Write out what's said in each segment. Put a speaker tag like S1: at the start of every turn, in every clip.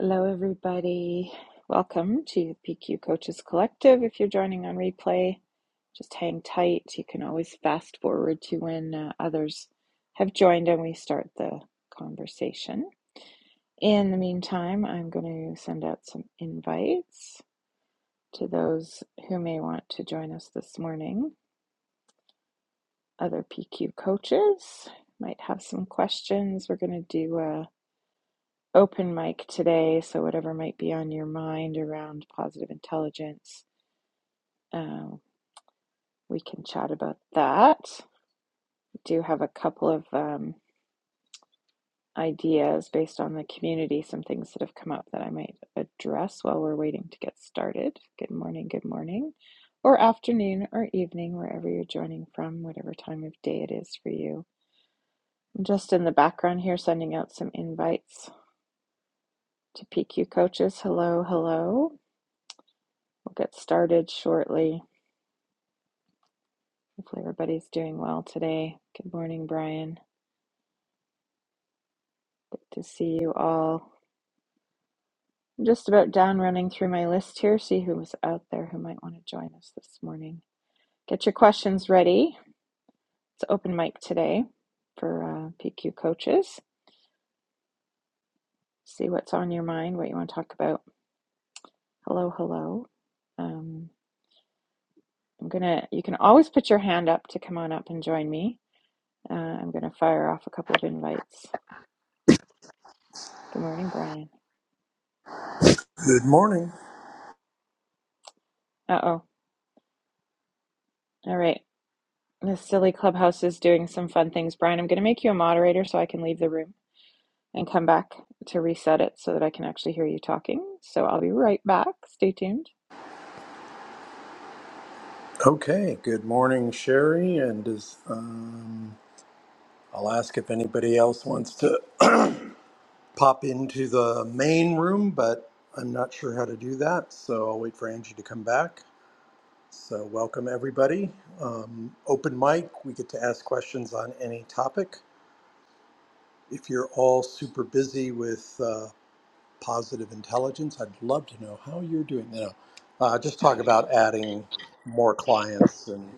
S1: Hello, everybody. Welcome to the PQ Coaches Collective. If you're joining on replay, just hang tight. You can always fast forward to when uh, others have joined and we start the conversation. In the meantime, I'm going to send out some invites to those who may want to join us this morning. Other PQ coaches might have some questions. We're going to do a open mic today, so whatever might be on your mind around positive intelligence, um, we can chat about that. We do have a couple of um, ideas based on the community, some things that have come up that I might address while we're waiting to get started. Good morning, good morning, or afternoon or evening, wherever you're joining from, whatever time of day it is for you. I'm just in the background here sending out some invites to PQ coaches. Hello, hello. We'll get started shortly. Hopefully, everybody's doing well today. Good morning, Brian. Good to see you all. I'm just about done running through my list here. See who's out there who might want to join us this morning. Get your questions ready. It's open mic today for uh, PQ coaches. See what's on your mind, what you want to talk about. Hello, hello. Um, I'm gonna. You can always put your hand up to come on up and join me. Uh, I'm gonna fire off a couple of invites. Good morning, Brian.
S2: Good morning.
S1: Uh oh. All right. This silly clubhouse is doing some fun things. Brian, I'm going to make you a moderator so I can leave the room and come back to reset it so that I can actually hear you talking. So I'll be right back. Stay tuned.
S2: Okay. Good morning, Sherry. And is, um, I'll ask if anybody else wants to pop into the main room, but I'm not sure how to do that. So I'll wait for Angie to come back. So welcome everybody. Um, open mic. We get to ask questions on any topic. If you're all super busy with uh, positive intelligence. I'd love to know how you're doing. You know, uh, just talk about adding more clients and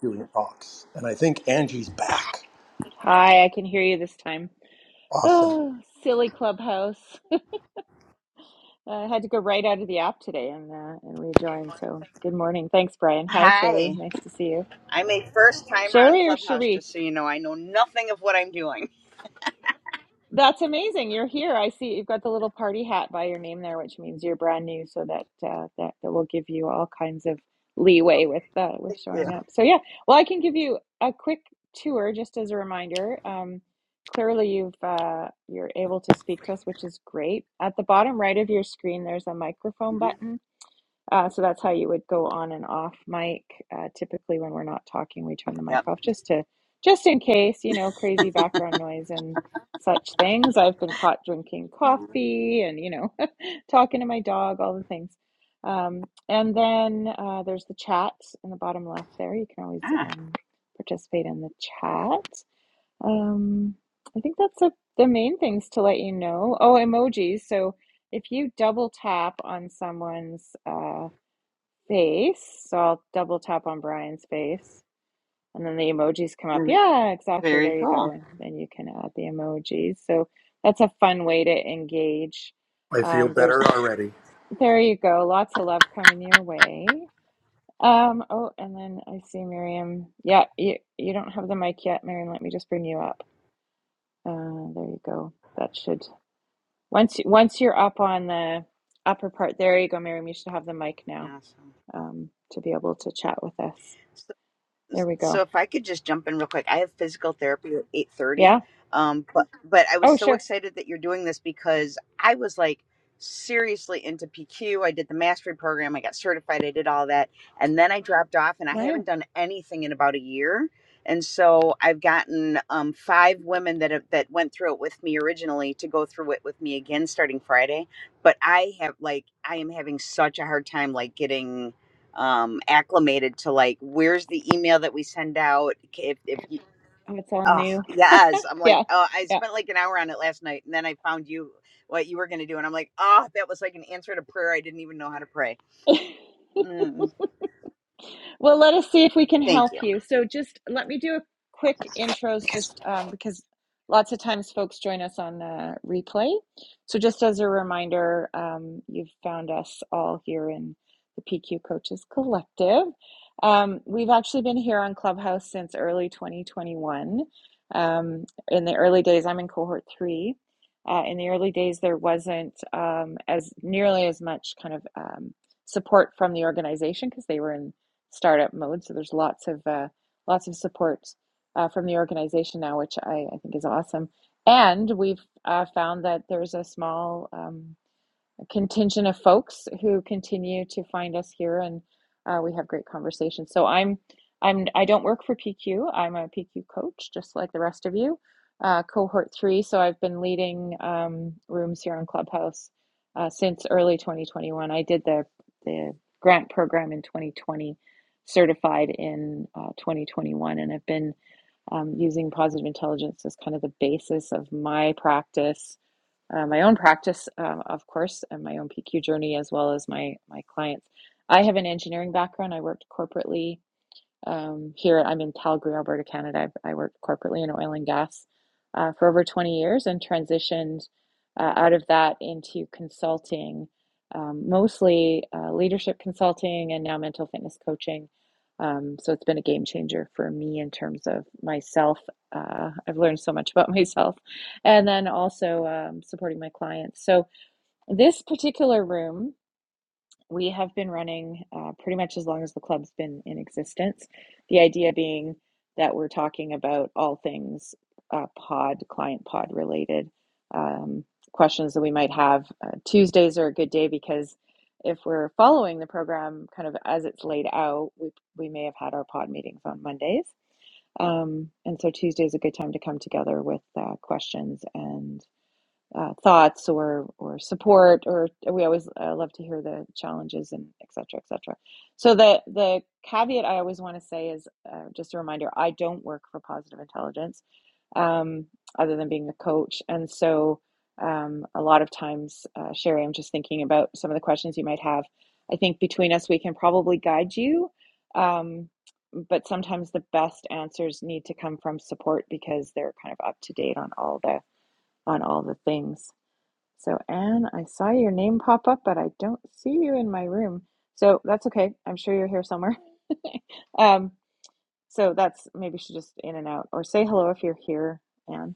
S2: doing talks. And I think Angie's back.
S1: Hi, I can hear you this time.
S2: Awesome.
S1: Oh, silly clubhouse. I had to go right out of the app today and uh, and rejoin. So good morning. Thanks, Brian. Hi, Sherry.
S3: Hi,
S1: Nice to see you.
S3: I'm a first timer on
S1: Sherry or
S3: Clubhouse,
S1: Cherie?
S3: just so you know. I know nothing of what I'm doing.
S1: That's amazing. You're here. I see you've got the little party hat by your name there, which means you're brand new, so that uh, that that will give you all kinds of leeway with uh, with showing up. So yeah, well, I can give you a quick tour just as a reminder. Um, clearly, you've uh, you're able to speak to us, which is great. At the bottom right of your screen, there's a microphone
S3: Mhm.
S1: button uh, so that's how you would go on and off mic. Uh, typically, when we're not talking, we turn the mic
S3: Yep.
S1: off just to, just in case, you know, crazy background noise and such things. I've been caught drinking coffee and you know, talking to my dog, all the things. Um, and then uh, there's the chat in the bottom left there. You can always
S3: Ah,
S1: um, participate in the chat. Um, I think that's a, the main things to let you know. Oh, emojis. So if you double tap on someone's uh, face. So I'll double tap on Brian's face and then the emojis come up.
S3: very,
S1: Yeah, exactly.
S3: very
S1: There you
S3: cool.
S1: go. And then you can add the emojis. So that's a fun way to engage.
S2: I feel
S1: Um, there's
S2: better already.
S1: there you go. Lots of love coming your way. Um, oh, and then I see Miriam. Yeah, you you don't have the mic yet, Miriam. Let me just bring you up. Uh, there you go. That should once you- once you're up on the upper part, there you go, Miriam. You should have the mic now
S3: Awesome.
S1: um, to be able to chat with us. There we go.
S3: so if I could just jump in real quick, I have physical therapy at eight thirty.
S1: Yeah.
S3: Um, but but I was
S1: Oh,
S3: so
S1: sure.
S3: excited that you're doing this because I was like seriously into PQ. I did the mastery program, I got certified, I did all that, and then I dropped off, and I
S1: Wow.
S3: haven't done anything in about a year. And so I've gotten um, five women that have, that went through it with me originally to go through it with me again starting Friday. But I have like I am having such a hard time like getting um acclimated to like where's the email that we send out if if you
S1: Oh, it's all
S3: oh
S1: new.
S3: yes i'm like
S1: Yeah.
S3: oh i
S1: Yeah.
S3: spent like an hour on it last night and then i found you what you were going to do and i'm like oh that was like an answer to prayer i didn't even know how to pray mm,
S1: Well, let us see if we can
S3: thank
S1: help
S3: you
S1: you. So, just let me do a quick intros, just um, because lots of times folks join us on the replay. So, just as a reminder, um, you've found us all here in the PQ Coaches Collective. Um, we've actually been here on Clubhouse since early 2021. Um, in the early days, I'm in cohort three. Uh, in the early days, there wasn't um, as nearly as much kind of um, support from the organization because they were in startup mode. So there's lots of uh, lots of support uh, from the organization now, which I, I think is awesome. And we've uh, found that there's a small um, contingent of folks who continue to find us here and uh, we have great conversations so i'm i'm i don't work for pq i'm a pq coach just like the rest of you uh, cohort three so i've been leading um, rooms here on clubhouse uh, since early 2021 i did the the grant program in 2020 certified in uh, 2021 and i've been um, using positive intelligence as kind of the basis of my practice uh, my own practice, um, of course, and my own PQ journey, as well as my my clients. I have an engineering background. I worked corporately um, here, I'm in Calgary, Alberta, Canada. I've, I worked corporately in oil and gas uh, for over 20 years and transitioned uh, out of that into consulting, um, mostly uh, leadership consulting and now mental fitness coaching. Um, so it's been a game changer for me in terms of myself. Uh, I've learned so much about myself and then also um, supporting my clients. So this particular room. We have been running uh, pretty much as long as the club's been in existence. The idea being that we're talking about all things uh, pod, client pod related um, questions that we might have. Uh, Tuesdays are a good day because if we're following the program kind of as it's laid out, we, we may have had our pod meetings on Mondays. Um, and so Tuesday is a good time to come together with uh, questions and uh, thoughts or or support or we always uh, love to hear the challenges and et cetera et cetera so the the caveat i always want to say is uh, just a reminder i don't work for positive intelligence um, other than being the coach and so um, a lot of times uh, sherry i'm just thinking about some of the questions you might have i think between us we can probably guide you um, but sometimes the best answers need to come from support because they're kind of up to date on all the on all the things so, Anne, I saw your name pop up, but I don't see you in my room. So that's okay. I'm sure you're here somewhere. Um, so that's maybe she's just in and out. Or say hello if you're here, Anne.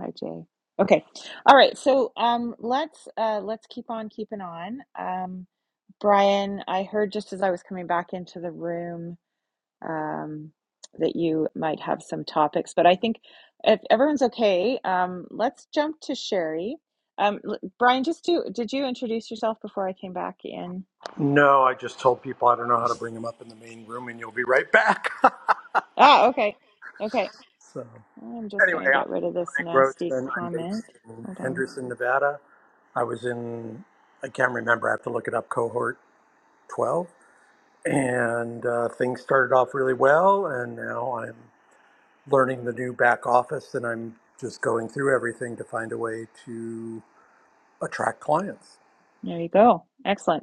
S1: Hi, Jay. Okay. All right. So um, let's uh, let's keep on keeping on. Um, Brian, I heard just as I was coming back into the room. um, that you might have some topics. But I think if everyone's okay, um, let's jump to Sherry. Um, l- Brian, just do, did you introduce yourself before I came back in?
S2: No, I just told people I don't know how to bring them up in the main room, and you'll be right back.
S1: Ah, okay. Okay.
S2: so
S1: I'm just
S2: anyway,
S1: going to get rid of this
S2: I'm Brian
S1: nasty
S2: Grossman. I'm
S1: comment.
S2: based in
S1: Hold on.
S2: Henderson, Nevada. I was in, I can't remember, I have to look it up, cohort 12. And uh, things started off really well, and now I'm learning the new back office and I'm just going through everything to find a way to attract clients.
S1: There you go. Excellent.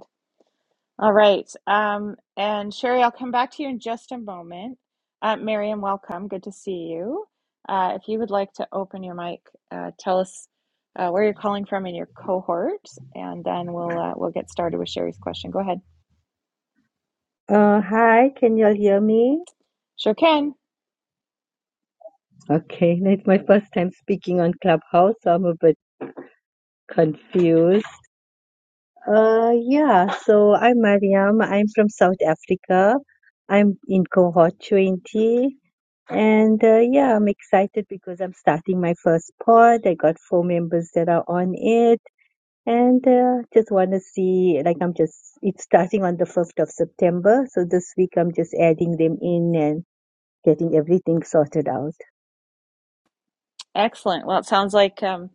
S1: All right. Um, and Sherry, I'll come back to you in just a moment. Uh, Miriam, welcome. Good to see you. Uh, if you would like to open your mic, uh, tell us uh, where you're calling from in your cohort, and then we'll uh, we'll get started with Sherry's question. Go ahead.
S4: Uh, hi, can y'all hear me?
S1: Sure can.
S4: Okay, it's my first time speaking on Clubhouse, so I'm a bit confused. Uh, yeah, so I'm Mariam. I'm from South Africa. I'm in cohort 20. And uh, yeah, I'm excited because I'm starting my first pod. I got four members that are on it. And uh, just want to see, like, I'm just, it's starting on the 1st of September. So this week I'm just adding them in and getting everything sorted out.
S1: Excellent. Well, it sounds like um,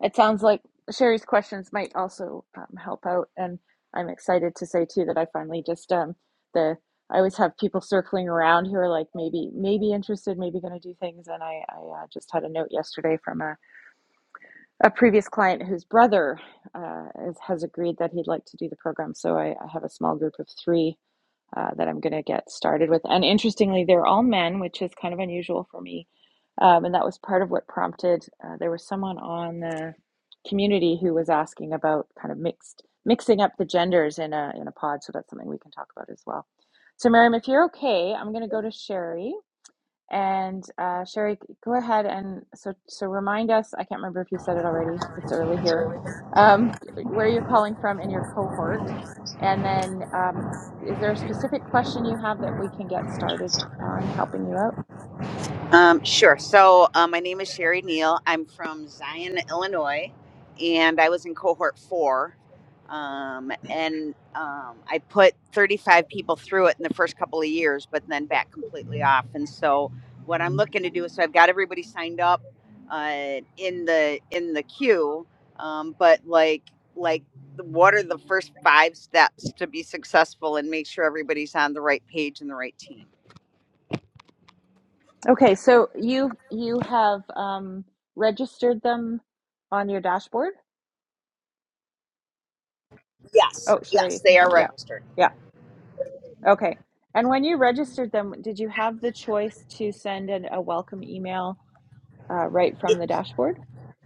S1: it sounds like Sherry's questions might also um, help out, and I'm excited to say too that I finally just um, the I always have people circling around who are like maybe maybe interested, maybe going to do things, and I I uh, just had a note yesterday from a, a previous client whose brother uh, is, has agreed that he'd like to do the program, so I, I have a small group of three uh, that I'm going to get started with. And interestingly, they're all men, which is kind of unusual for me. Um, and that was part of what prompted. Uh, there was someone on the community who was asking about kind of mixed mixing up the genders in a in a pod. So that's something we can talk about as well. So Miriam, if you're okay, I'm going to go to Sherry. And uh, Sherry, go ahead and so so remind us. I can't remember if you said it already. It's early here. Um, where you're calling from in your cohort, and then um, is there a specific question you have that we can get started on helping you out?
S3: Um, sure. So, uh, my name is Sherry Neal. I'm from Zion, Illinois, and I was in cohort four. Um, and um, I put 35 people through it in the first couple of years, but then back completely off. And so, what I'm looking to do is, so I've got everybody signed up uh, in the in the queue, um, but like like what are the first five steps to be successful and make sure everybody's on the right page and the right team?
S1: Okay, so you you have um, registered them on your dashboard?
S3: Yes,
S1: Oh, Sherry, you
S3: yes,
S1: can
S3: they
S1: come.
S3: are
S1: Yeah,
S3: registered.
S1: yeah. Okay. And when you registered them, did you have the choice to send an, a welcome email uh, right from the dashboard?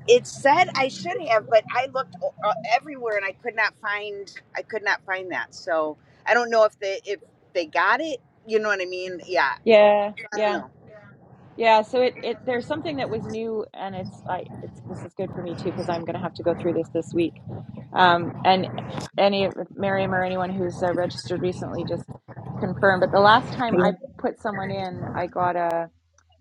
S3: It said I should have, but I looked o- uh, everywhere and I could not find I could not find that. So I don't know if they if they got it. You know what I mean? Yeah,
S1: Yeah,
S3: I don't
S1: yeah.
S3: know.
S1: Yeah, so it it there's something that was new and it's I it's this is good for me too because I'm going to have to go through this this week. Um and any of Miriam or anyone who's uh, registered recently just confirm but the last time I put someone in, I got a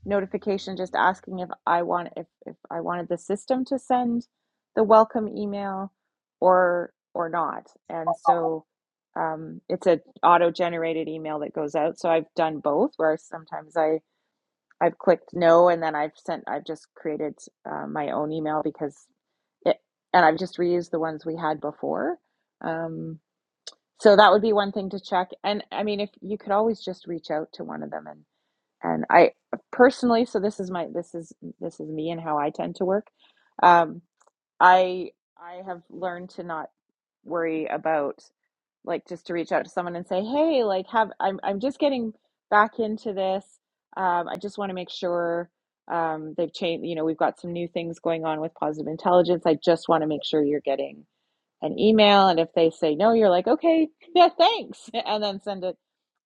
S1: notification just asking if I want if if I wanted the system to send the welcome email or or not. And so um it's a auto-generated email that goes out. So I've done both where sometimes I I've clicked no, and then I've sent, I've just created uh, my own email because it, and I've just reused the ones we had before. Um, so that would be one thing to check. And I mean, if you could always just reach out to one of them and, and I personally, so this is my, this is, this is me and how I tend to work. Um, I, I have learned to not worry about like just to reach out to someone and say, "Hey, like have I'm I'm just getting back into this. Um, I just want to make sure um, they've changed. You know, we've got some new things going on with positive intelligence. I just want to make sure you're getting an email. And if they say no, you're like, okay, yeah, thanks, and then send it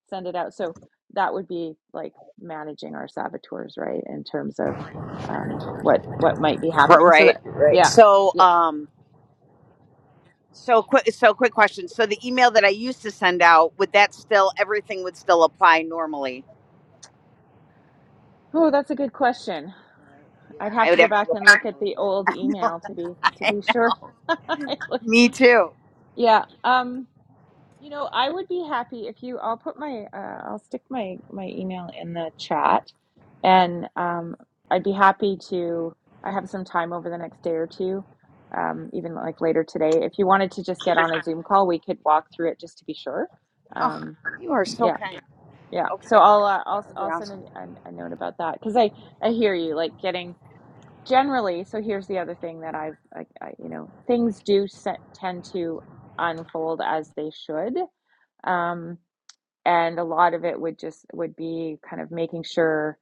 S1: send it out. So that would be like managing our saboteurs, right? In terms of um, what what might be
S3: Right,
S1: happening. So
S3: right.
S1: that
S3: right.
S1: yeah,
S3: So
S1: yeah.
S3: um, so quick, so quick question. So the email that I used to send out would that still everything would still apply normally?
S1: Oh, that's a good question.
S3: Yeah,
S1: I'd have
S3: I
S1: to
S3: would
S1: go
S3: have to
S1: back
S3: go
S1: and look
S3: back and
S1: at the
S3: read it.
S1: old
S3: I know.
S1: email to be to be sure.
S3: Me too.
S1: yeah. Um, you know, I would be happy if you I'll put my uh, I'll stick my my email in the chat and um I'd be happy to I have some time over the next day or two, um, even like later today. If you wanted to just get on a Zoom call, we could walk through it just to be sure.
S3: Oh,
S1: Um,
S3: you are so
S1: yeah,
S3: kind.
S1: yeah. So
S3: Okay,
S1: I'll uh, I'll
S3: that would be
S1: I'll
S3: awesome.
S1: send an, an, a note about that because I I hear you like getting generally so here's the other thing that i've I, I, you know things do set, tend to unfold as they should um, and a lot of it would just would be kind of making sure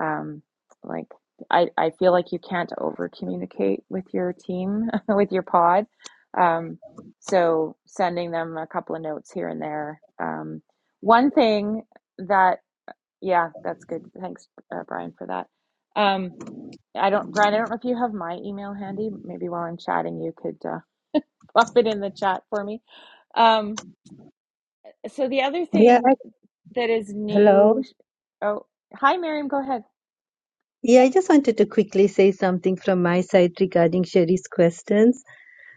S1: um, like I, I feel like you can't over communicate with your team with your pod um, so sending them a couple of notes here and there um, one thing that yeah that's good thanks uh, brian for that um, I don't, Brian, I don't know if you have my email handy. Maybe while I'm chatting, you could uh, pop it in the chat for me. Um, so the other
S4: Yeah,
S1: thing that is
S4: hello.
S1: new. Oh, hi, Miriam. Go ahead.
S4: Yeah, I just wanted to quickly say something from my side regarding Sherry's questions.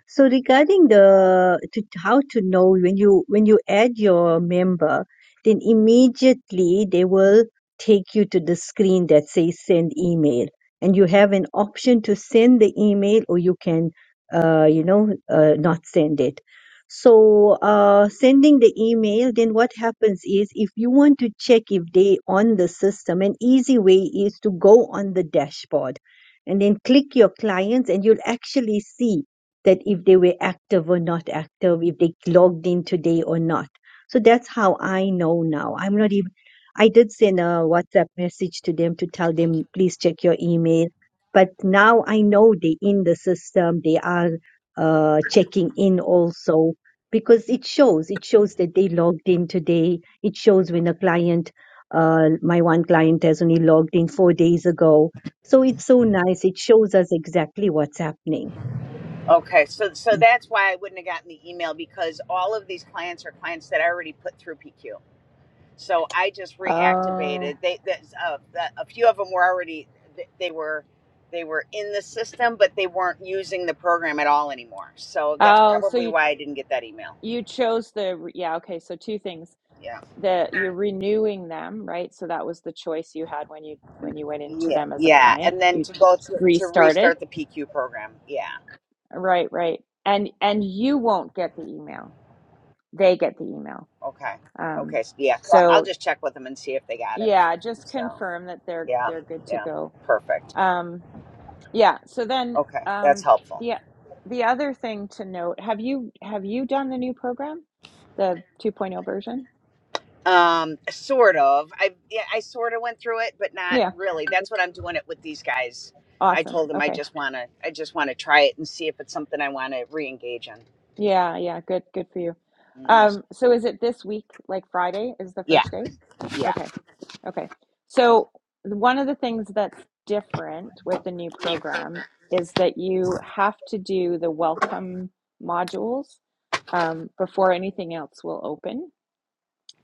S4: So regarding the to, how to know when you when you add your member, then immediately they will take you to the screen that says send email, and you have an option to send the email or you can uh, you know uh, not send it. So uh, sending the email, then what happens is if you want to check if they on the system, an easy way is to go on the dashboard and then click your clients and you'll actually see that if they were active or not active, if they logged in today or not. So that's how I know now. I'm not even, I did send a WhatsApp message to them to tell them, please check your email. But now I know they're in the system, they are uh, checking in also because it shows, it shows that they logged in today. It shows when a client, uh, my one client has only logged in four days ago. So it's so nice. It shows us exactly what's happening.
S3: Okay, so so that's why I wouldn't have gotten the email because all of these clients are clients that I already put through PQ. So I just
S1: Oh,
S3: reactivated. They that's, uh, the, a few of them were already th- they were they were in the system, but they weren't using the program at all anymore. So that's
S1: oh. So
S3: probably
S1: you
S3: why I didn't get that email.
S1: you chose the yeah. Okay. So two things
S3: Yeah,
S1: that you're renewing them, right? So that was the choice you had when you when you went into
S3: yeah,
S1: them as a
S3: yeah.
S1: client.
S3: And then
S1: You
S3: to go
S1: s-
S3: through, to
S1: restarted.
S3: restart the PQ program. Yeah.
S1: Right. Right. And and you won't get the email. They get the email.
S3: Okay.
S1: Um,
S3: Okay. So yeah, well, I'll
S1: so
S3: just check with them and see if they got it.
S1: Yeah, just
S3: So
S1: confirm that they're
S3: yeah,
S1: they're good to
S3: yeah,
S1: go.
S3: perfect.
S1: Um, yeah, so then
S3: Okay, that's
S1: um,
S3: helpful.
S1: the the other thing to note, have you have you done the new program, the 2.0 version?
S3: Um, sort of. I yeah, I sort of went through it, but not
S1: Yeah,
S3: really. That's what I'm doing it with these guys. I
S1: awesome.
S3: told them I
S1: Okay.
S3: just wanna, I just wanna try it and see if it's something I want to re-engage in.
S1: Yeah, yeah, good good for you.
S3: Mm,
S1: Um, so is it this week, like Friday is the
S3: Yeah,
S1: first day?
S3: yeah.
S1: Okay. Okay. So one of the things that's different with the new program is that you have to do the welcome modules um, before anything else will open.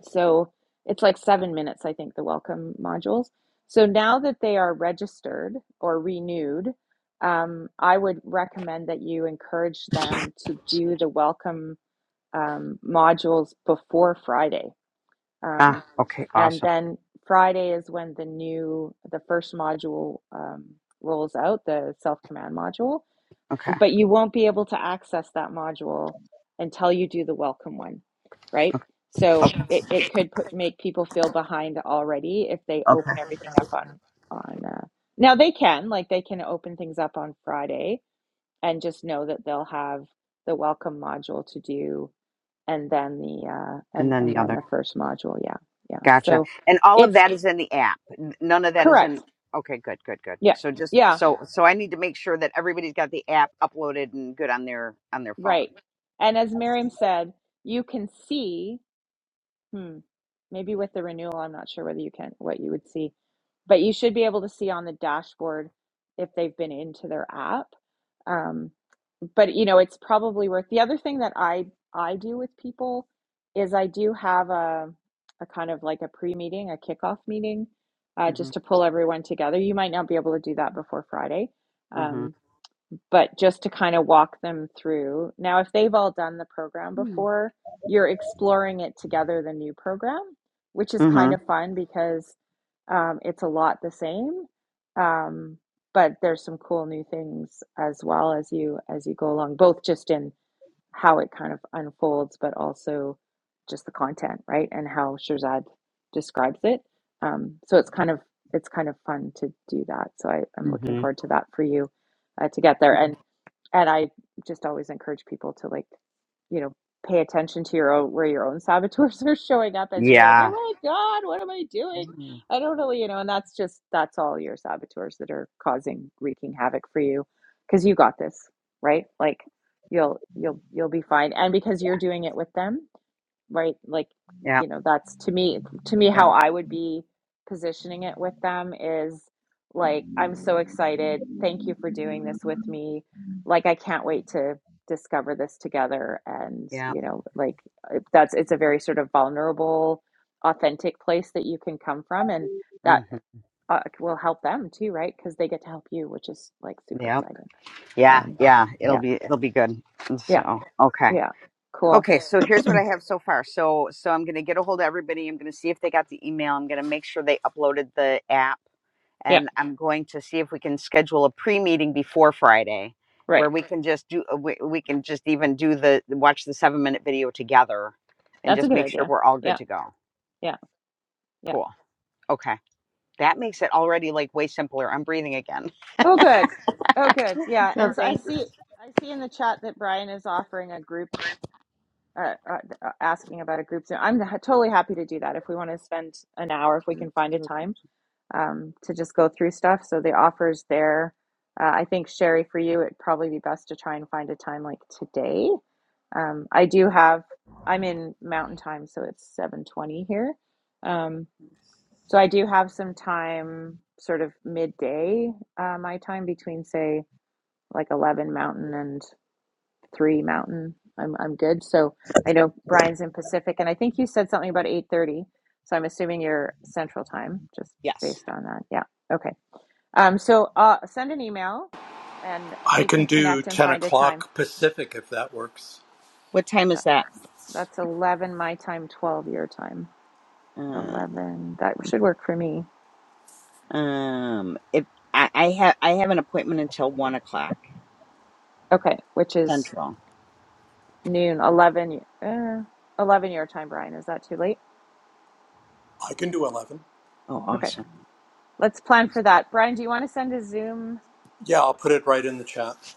S1: So it's like seven minutes, I think, the welcome modules. So now that they are registered or renewed, um, I would recommend that you encourage them to do the welcome um, modules before Friday
S3: Ah,
S1: um,
S3: okay,
S1: and
S3: awesome.
S1: then Friday is when the new, the first module um, rolls out, the self command module.
S3: Okay.
S1: But you won't be able to access that module until you do the welcome one, right? So it, it could put make people feel behind already if they
S3: Okay.
S1: open everything up on on uh, now they can like they can open things up on Friday and just know that they'll have the welcome module to do and then the uh,
S3: And
S1: and
S3: then
S1: and
S3: the
S1: then
S3: other.
S1: the first module. Yeah, yeah.
S3: Gotcha.
S1: So
S3: And all of
S1: it's
S3: that is in the app. N- None of that is
S1: correct.
S3: in. Okay, good, good, good.
S1: Yeah,
S3: So just
S1: yeah,
S3: so Yeah. so I need to make sure that everybody's got the app uploaded and good on their on their phone.
S1: right. And as Miriam said, you can see. Hmm. Maybe with the renewal, I'm not sure whether you can what you would see, but you should be able to see on the dashboard if they've been into their app. Um, but you know, it's probably worth the other thing that I I do with people is I do have a a kind of like a pre-meeting, a kickoff meeting, uh, just
S3: Mhm.
S1: to pull everyone together. You might not be able to do that before Friday, um,
S3: Mhm.
S1: but just to kind of walk them through. Now, if they've all done the program
S3: Mhm.
S1: before, you're exploring it together, the new program, which is kind of fun because um, it's a lot the same. Um, but there's some cool new things as well as you as you go along, both just in how it kind of unfolds, but also just the content, right? And how Shirzad describes it. Um, so it's kind of it's kind of fun to do that. So I, I'm looking
S3: Mhm.
S1: forward to that for you uh, to get there.
S3: Mhm.
S1: And and I just always encourage people to like, you know, pay attention to your own where your own saboteurs are showing up as you're like, oh
S3: Yeah.
S1: my god, what am I doing?
S3: Mm.
S1: I don't really, you know. And that's just that's all your saboteurs that are causing wreaking havoc for you because you got this, right? Like you'll you'll you'll be fine and because you're doing it with them right like
S3: Yeah.
S1: you know that's to me to me
S3: Yeah.
S1: how i would be positioning it with them is like i'm so excited thank you for doing this with me like i can't wait to discover this together and
S3: Yeah.
S1: you know like that's it's a very sort of vulnerable authentic place that you can come from and that
S3: Mm-hmm.
S1: uh, will help them too right because they get to help you which is like super
S3: Yep.
S1: exciting
S3: Yeah.
S1: um
S3: Yeah. It'll
S1: yeah
S3: be it'll be good. Mm,
S1: yeah
S3: So okay.
S1: yeah. Cool.
S3: Okay, so here's what I have so far. So so I'm gonna get a hold of everybody. I'm gonna see if they got the email. I'm gonna make sure they uploaded the app
S1: Yeah.
S3: and I'm going to see if we can schedule a pre meeting before Friday where
S1: Right.
S3: we can just do uh, we, we can just even do the watch the seven minute video together and
S1: That's a
S3: just
S1: good
S3: make sure
S1: idea.
S3: we're all good
S1: Yeah.
S3: to go.
S1: Yeah. Yeah.
S3: Cool. Okay. That makes it already like way simpler. I'm breathing again.
S1: Oh, good. Oh, good. Yeah.
S3: So
S1: And so I
S3: thank
S1: see, I see in the chat that Brian is offering a group, uh, uh, uh, asking about a group Zoom. I'm ha- totally happy to do that if we want to spend an hour, if we can find a time, um, to just go through stuff. So the offer's there. Uh, I think Sherry, for you, it'd probably be best to try and find a time like today. Um, I do have, I'm in Mountain Time, so it's 7:20 here. Um, So I do have some time, sort of midday, uh, my time between say like 11 Mountain and 3 Mountain. I'm I'm good. So I know Brian's in Pacific, and I think you said something about 8:30. So I'm assuming you're Central Time, just
S3: yes.
S1: based on that. Yeah. Okay. Um, so uh, send an email, and
S2: I
S1: we
S2: can
S1: can
S2: do
S1: connect and
S2: 10
S1: find a time.
S2: o'clock Pacific if that works.
S3: What time
S1: That
S3: is that?
S1: that's 11 my time, 12 your time.
S3: Uh,
S1: 11. That should work for me.
S3: um, if I, I have I have an appointment until one o'clock
S1: Okay, which is
S3: central.
S1: Noon, 11, uh, 11 your time, Brian. Is that too late?
S2: I can do 11.
S3: Oh,
S1: Okay,
S3: awesome.
S1: let's plan for that. Brian, do you want to send a Zoom?
S2: Yeah, I'll put it right in the chat.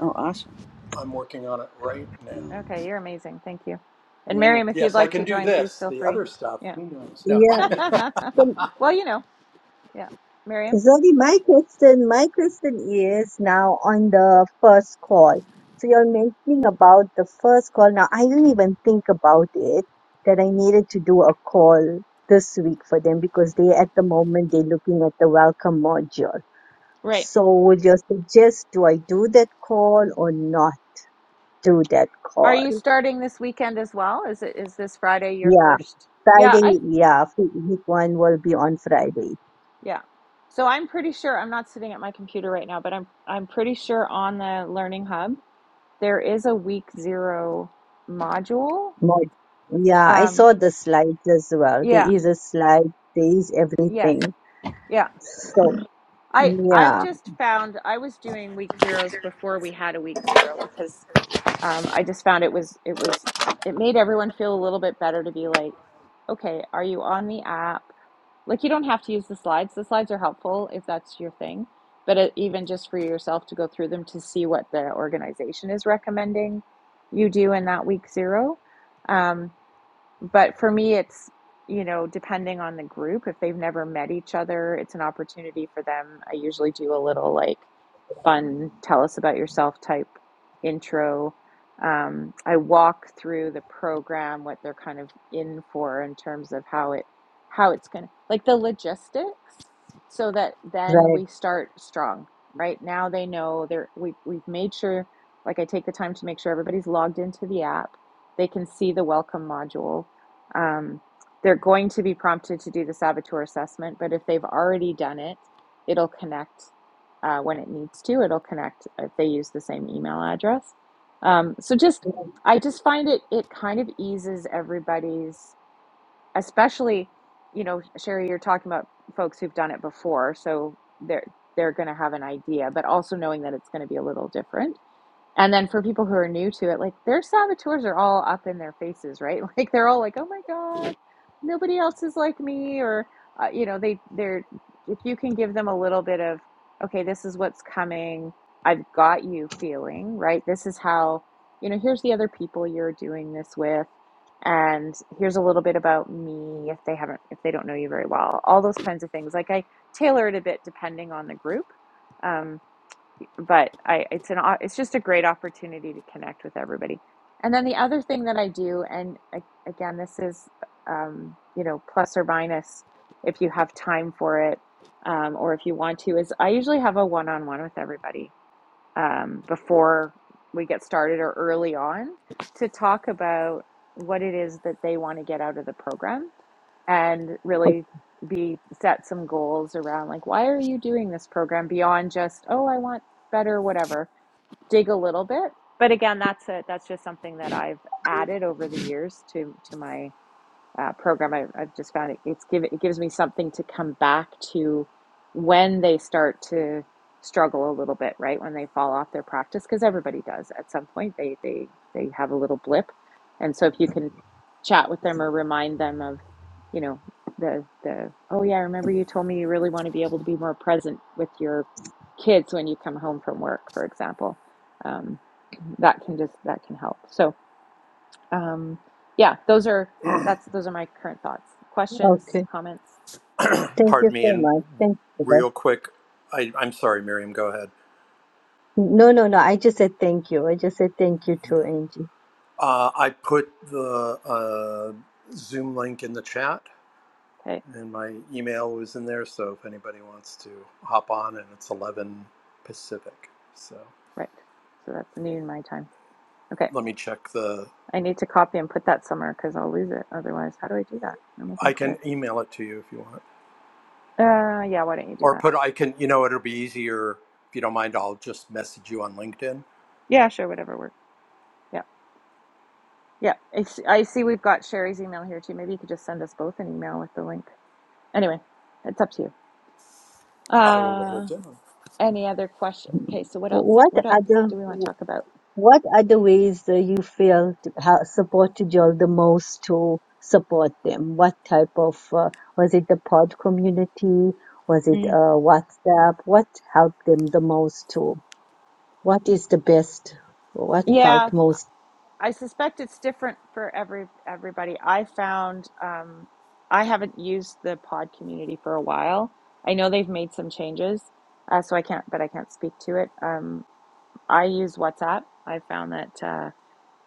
S3: Oh, awesome.
S2: I'm working on it right now.
S3: Uh,
S1: Okay, you're amazing. Thank you. And
S3: Yeah,
S1: Miriam, if you'd
S2: Yes, I
S1: like to
S2: can do
S1: join, please
S2: this.
S1: feel
S2: The
S1: free.
S2: other stuff,
S1: Yeah.
S2: who knows? No.
S4: Yeah. So,
S1: well, you know, yeah. Miriam,
S4: Zoggy, my question, my question is now on the first call. So you're mentioning about the first call. Now, I didn't even think about it that I needed to do a call this week for them because they, at the moment, they're looking at the welcome module.
S1: right.
S4: So would you suggest, do I do that call or not do that
S1: Are
S4: call?
S1: you starting this weekend as well? Is it is this Friday your
S4: Yeah.
S1: first? Yeah, I
S4: Friday, yeah, week one will be on Friday.
S1: yeah. So I'm pretty sure I'm not sitting at my computer right now, but I'm I'm pretty sure on the Learning Hub there is a week 0 module.
S4: Not, yeah, I
S1: Um,
S4: saw the slides as well. There
S1: Yeah.
S4: is a slide, there is
S1: Yes.
S4: everything.
S1: Yeah.
S4: So,
S1: I I've
S4: yeah,
S1: just found I was doing week zeros before we had a week zero because um, I just found it was it was it made everyone feel a little bit better to be like, okay, are you on the app? Like you don't have to use the slides. The slides are helpful if that's your thing, but it, even just for yourself to go through them to see what the organization is recommending you do in that week zero. Um, but for me it's you know depending on the group if they've never met each other it's an opportunity for them i usually do a little like fun tell us about yourself type intro um, i walk through the program what they're kind of in for in terms of how it how it's going to like the logistics so that then
S4: right.
S1: we start strong right now they know they're we, we've made sure like i take the time to make sure everybody's logged into the app they can see the welcome module um, they're going to be prompted to do the saboteur assessment, but if they've already done it, it'll connect uh, when it needs to. It'll connect if they use the same email address. Um, so just,
S4: Okay,
S1: I just find it it kind of eases everybody's, especially, you know, Sherry, you're talking about folks who've done it before, so they're they're going to have an idea, but also knowing that it's going to be a little different and then for people who are new to it, like their saboteurs are all up in their faces, right? Like they're all like, "Oh my God, nobody else is like me," or uh, you know, they they're if you can give them a little bit of, "Okay, this is what's coming. I've got you." Feeling right. This is how you know. Here's the other people you're doing this with, and here's a little bit about me if they haven't if they don't know you very well. All those kinds of things. Like I tailor it a bit depending on the group. Um, but I it's an it's just a great opportunity to connect with everybody. And then the other thing that I do, and again, this is um, you know plus or minus if you have time for it um, or if you want to, is I usually have a one on one with everybody um, before we get started or early on to talk about what it is that they want to get out of the program and really be set some goals around like why are you doing this program beyond just oh i want better whatever dig a little bit but again that's a that's just something that i've added over the years to to my uh, program. I've, I've just found it, it's give, it gives me something to come back to when they start to struggle a little bit, right? When they fall off their practice, because everybody does at some point. They they they have a little blip, and so if you can chat with them or remind them of, you know, the the oh yeah, I remember you told me you really want to be able to be more present with your kids when you come home from work, for example. Um, that can just that can help. So um, yeah, those are that's those are my current thoughts. Questions,
S4: okay.
S1: comments?
S4: Thank you
S2: Pardon me,
S4: so
S2: and
S4: much. Thank you for that.
S2: real quick, I, I'm sorry, Miriam, go ahead.
S4: No, no, no. I just said thank you. I just said thank you
S2: Okay.
S4: to Angie.
S2: Uh, I put the uh, Zoom link in the chat.
S1: Okay,
S2: and my email was in there. So if anybody wants to hop on, and it's 11 Pacific. So
S1: right. So that's noon my time. Okay,
S2: let me check the.
S1: I need to copy and put that somewhere because I'll lose it otherwise. How do I do that? Where am I going
S2: I
S1: to put
S2: can
S1: it?
S2: email it to you if you want,
S1: Uh, yeah. Why don't you do
S2: or
S1: that?
S2: put. I can. You know, it'll be easier if you don't mind. I'll just message you on LinkedIn.
S1: Yeah, sure. Whatever works. Yeah, yeah. I see I see we've got Sherry's email here too. Maybe you could just send us both an email with the link. Anyway, it's up to you.
S2: I will write
S1: Uh,
S2: it down.
S1: any other question? Okay, so what else?
S4: What
S1: What else do we
S4: other?
S1: want to talk about?
S4: What are the ways that you feel to help support to Joel the most to support them? What type of uh, was it the pod community? Was it
S1: Mm.
S4: uh, WhatsApp? What helped them the most to? What is the best? What
S1: Yeah,
S4: felt most?
S1: I suspect it's different for every everybody. I found um, I haven't used the pod community for a while. I know they've made some changes, uh, so I can't, but I can't speak to it. Um, I use WhatsApp. I found that uh,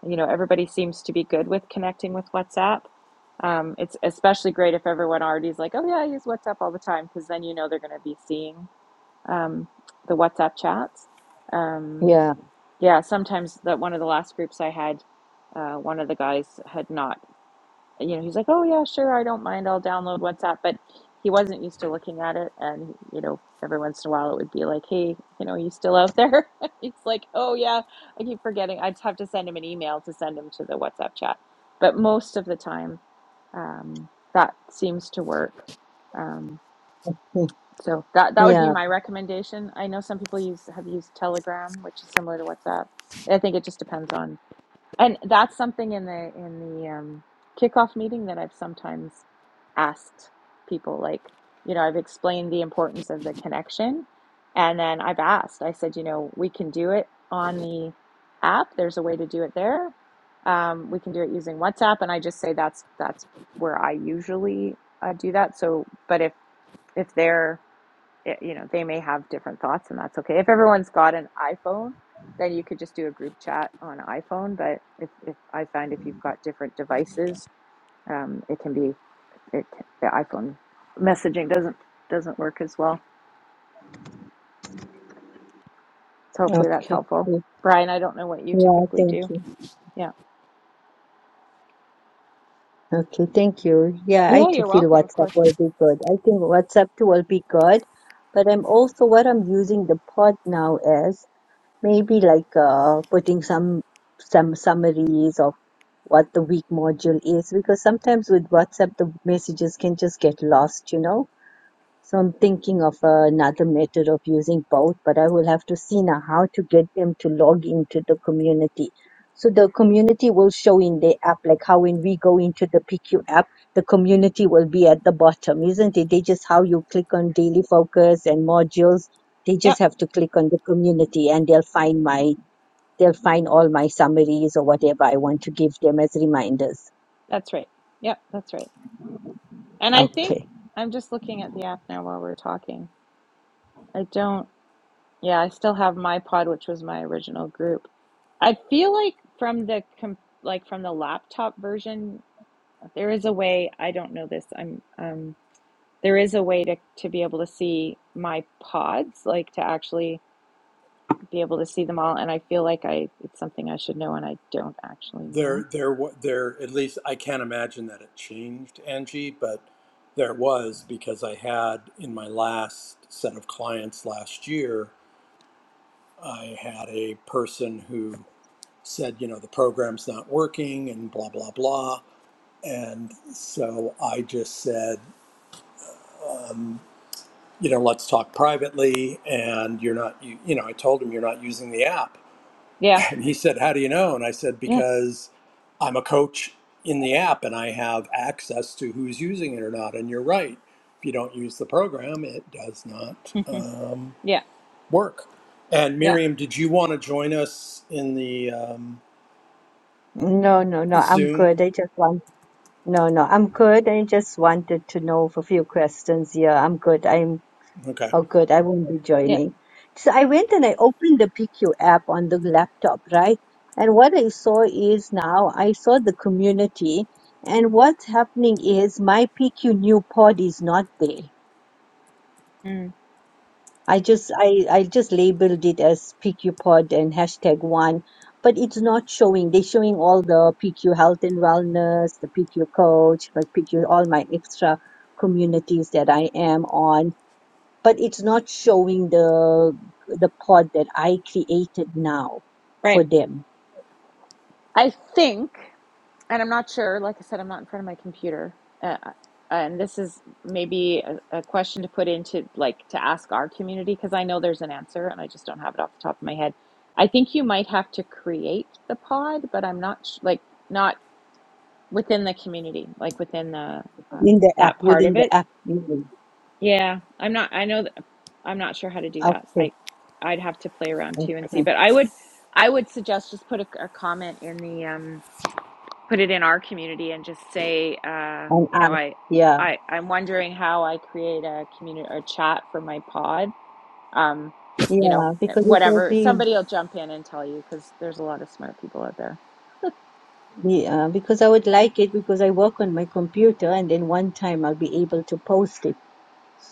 S1: you know everybody seems to be good with connecting with WhatsApp. Um, it's especially great if everyone already is like, "Oh yeah, I use WhatsApp all the time," because then you know they're going to be seeing um, the WhatsApp chats. Um,
S4: Yeah,
S1: yeah, sometimes that one of the last groups I had, uh, one of the guys had not, you know, he's like, "Oh yeah, sure, I don't mind. I'll download WhatsApp," but he wasn't used to looking at it, and you know, every once in a while it would be like, "Hey, you know, are you still out there?" He's like, "Oh yeah, I keep forgetting. I just have to send him an email to send him to the WhatsApp chat." But most of the time, um, that seems to work. um,
S4: mm,
S1: so that that would be
S4: yeah.
S1: my recommendation. I know some people use have used Telegram, which is similar to WhatsApp. I think it just depends on, and that's something in the in the um, kickoff meeting that I've sometimes asked people, like you know, I've explained the importance of the connection, and then I've asked. I said, you know, we can do it on the app. There's a way to do it there. Um, we can do it using WhatsApp, and I just say that's that's where I usually uh, do that. So, but if if they're it, you know they may have different thoughts and that's okay if everyone's got an iphone then you could just do a group chat on iphone but if, if i find if you've got different devices um, it can be it the iphone messaging doesn't doesn't work as well so hopefully that's
S4: Okay.
S1: helpful
S4: mm,
S1: brian i don't know what you
S4: Yeah.
S1: typically
S4: Thank
S1: do
S4: you.
S1: yeah
S4: Okay. Thank you. Yeah, I
S1: yeah
S4: too
S1: you're
S4: feel
S1: welcome of
S4: WhatsApp
S1: course
S4: will be good. I think WhatsApp too will be good, but I'm also what I'm using the pod now as. Maybe like uh, putting some some summaries of what the week module is, because sometimes with WhatsApp the messages can just get lost, you know. So I'm thinking of uh, another method of using both, but I will have to see now how to get them to log into the community. So the community will show in the app, like how when we go into the PQ app, the community will be at the bottom, isn't it? They just how you click on daily focus and modules they just
S1: yep
S4: have to click on the community and they'll find my They'll find all my summaries or whatever I want to give them as reminders.
S1: that's right yep that's right and i think
S4: Okay.
S1: i'm just looking at the app now while we're talking i don't Yeah, I still have my pod, which was my original group. I feel like from the com like from the laptop version, there is a way, I don't know this. I'm um there is a way to to be able to see my pods, like to actually be able to see them all, and I feel like I it's something I should know and I don't actually know.
S2: There, there, wa- there. At least I can't imagine that it changed, Angie, but there was because I had in my last set of clients last year. I had a person who said, you know, the program's not working and blah, blah, blah. And so I just said, um, you know, let's talk privately. And you're not, you, you know, I told him you're not using the app.
S1: Yeah.
S2: And he said, how do you know? And I said,
S1: Yeah.
S2: because I'm a coach in the app and I have access to who's using it or not. And you're right. If you don't use the program, it does not um,
S1: yeah.
S2: work. And
S1: Yeah.
S2: Miriam, did you want to join us in the um,
S4: No, no, no, I'm
S2: Zoom?
S4: good. I just want, no, no, I'm good. I just wanted to know for a few questions. Yeah, I'm good. I'm,
S2: Okay.
S4: oh, good. I won't be
S1: Yeah.
S4: joining. So I went and I opened the PQ app on the laptop, right? And what I saw is now I saw the community and what's happening is my PQ new pod is not there.
S1: Mm.
S4: I just I, I just labeled it as PQ Pod and hashtag one, but it's not showing. They're showing all the PQ health and wellness, the PQ coach, but PQ all my extra communities that I am on, but it's not showing the the pod that I created now for
S1: Right.
S4: them
S1: I think. and I'm not sure. Like I said, I'm not in front of my computer. Uh, and this is maybe a, a question to put into like to ask our community because I know there's an answer and I just don't have it off the top of my head. I think you might have to create the pod, but I'm not sh- like not within the community, like within the
S4: in
S1: um,
S4: the app
S1: that part
S4: within
S1: of
S4: the
S1: it.
S4: app. Mhm.
S1: Yeah, I'm not. I know that I'm not sure how to do that.
S4: Okay,
S1: I I'd have to play around too and see.
S4: okay,
S1: But I would I would suggest just put a, a comment in the um put it in our community and just say, uh,
S4: on
S1: you know,
S4: us,
S1: I,
S4: yeah,
S1: I, I'm wondering how I create a community or chat for my pod. Um, you know,
S4: yeah,
S1: eh,
S4: because it will
S1: whatever.
S4: be.
S1: Somebody will jump in and tell you because there's a lot of smart people out there.
S4: Yeah, because I would like it because I work on my computer and then one time I'll be able to post it.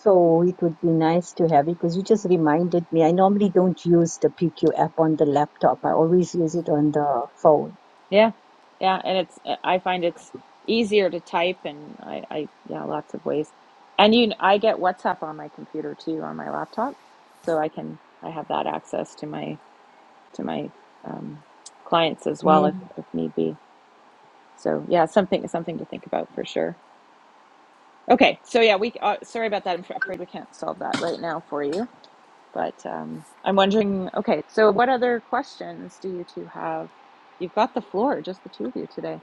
S4: So it would be nice to have it because you just reminded me. I normally don't use the PQ app on the laptop. I always use it on the phone.
S1: Yeah, yeah, and it's eh, I find it's easier to type and I, I yeah, lots of ways. And you, I get WhatsApp on my computer too on my laptop, so I can I have that access to my to my um, clients as well
S4: Yeah.
S1: if if need be. So yeah, something something to think about for sure. Okay, so yeah, we uh, sorry about that. I'm f- afraid we can't solve that right now for you, but um, I'm wondering. Okay, so what other questions do you two have? You've got the floor, just the two of you today.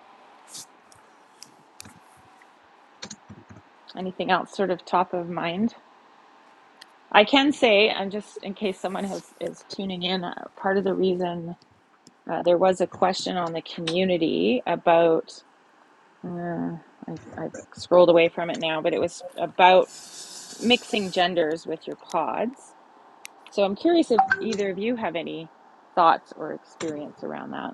S1: Anything else, sort of top of mind? I can say, and just in case someone has is tuning in, uh, part of the reason uh, there was a question on the community about. Uh, I, I scrolled away from it now, but it was about mixing genders with your pods. So I'm curious if either of you have any thoughts or experience around that.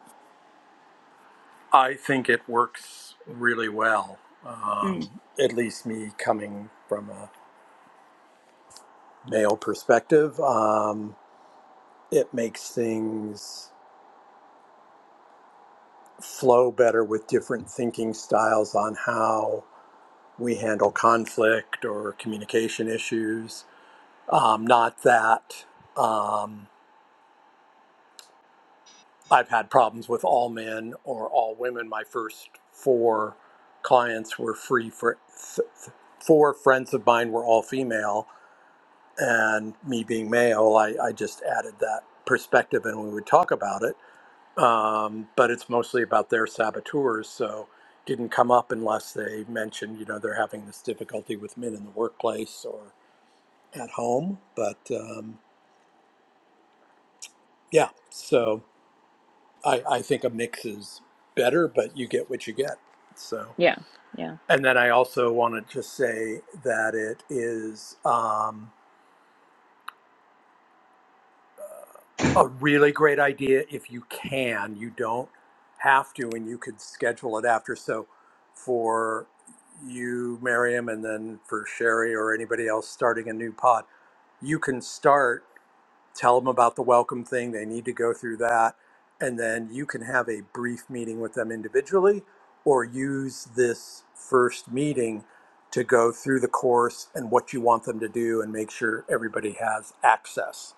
S2: I think it works really well.
S1: Mm,
S2: Um, at least me coming from a male perspective, um, it makes things flow better with different thinking styles on how we handle conflict or communication issues. Um, not that um, I've had problems with all men or all women. My first four clients were free for. Th- th- Four friends of mine were all female, and me being male, I, I just added that perspective and we would talk about it. Um, but it's mostly about their saboteurs, so didn't come up unless they mentioned, you know, they're having this difficulty with men in the workplace or at home. But um, yeah, so I, I think a mix is better, but you get what you get. So,
S1: yeah, yeah,
S2: and then I also want to just say that it is. Um, a really great idea if you can. You don't have to, and you could schedule it after. So for you, Miriam, and then for Sherry or anybody else starting a new pod, you can start, tell them about the welcome thing. They need to go through that. And then you can have a brief meeting with them individually or use this first meeting to go through the course and what you want them to do and make sure everybody has access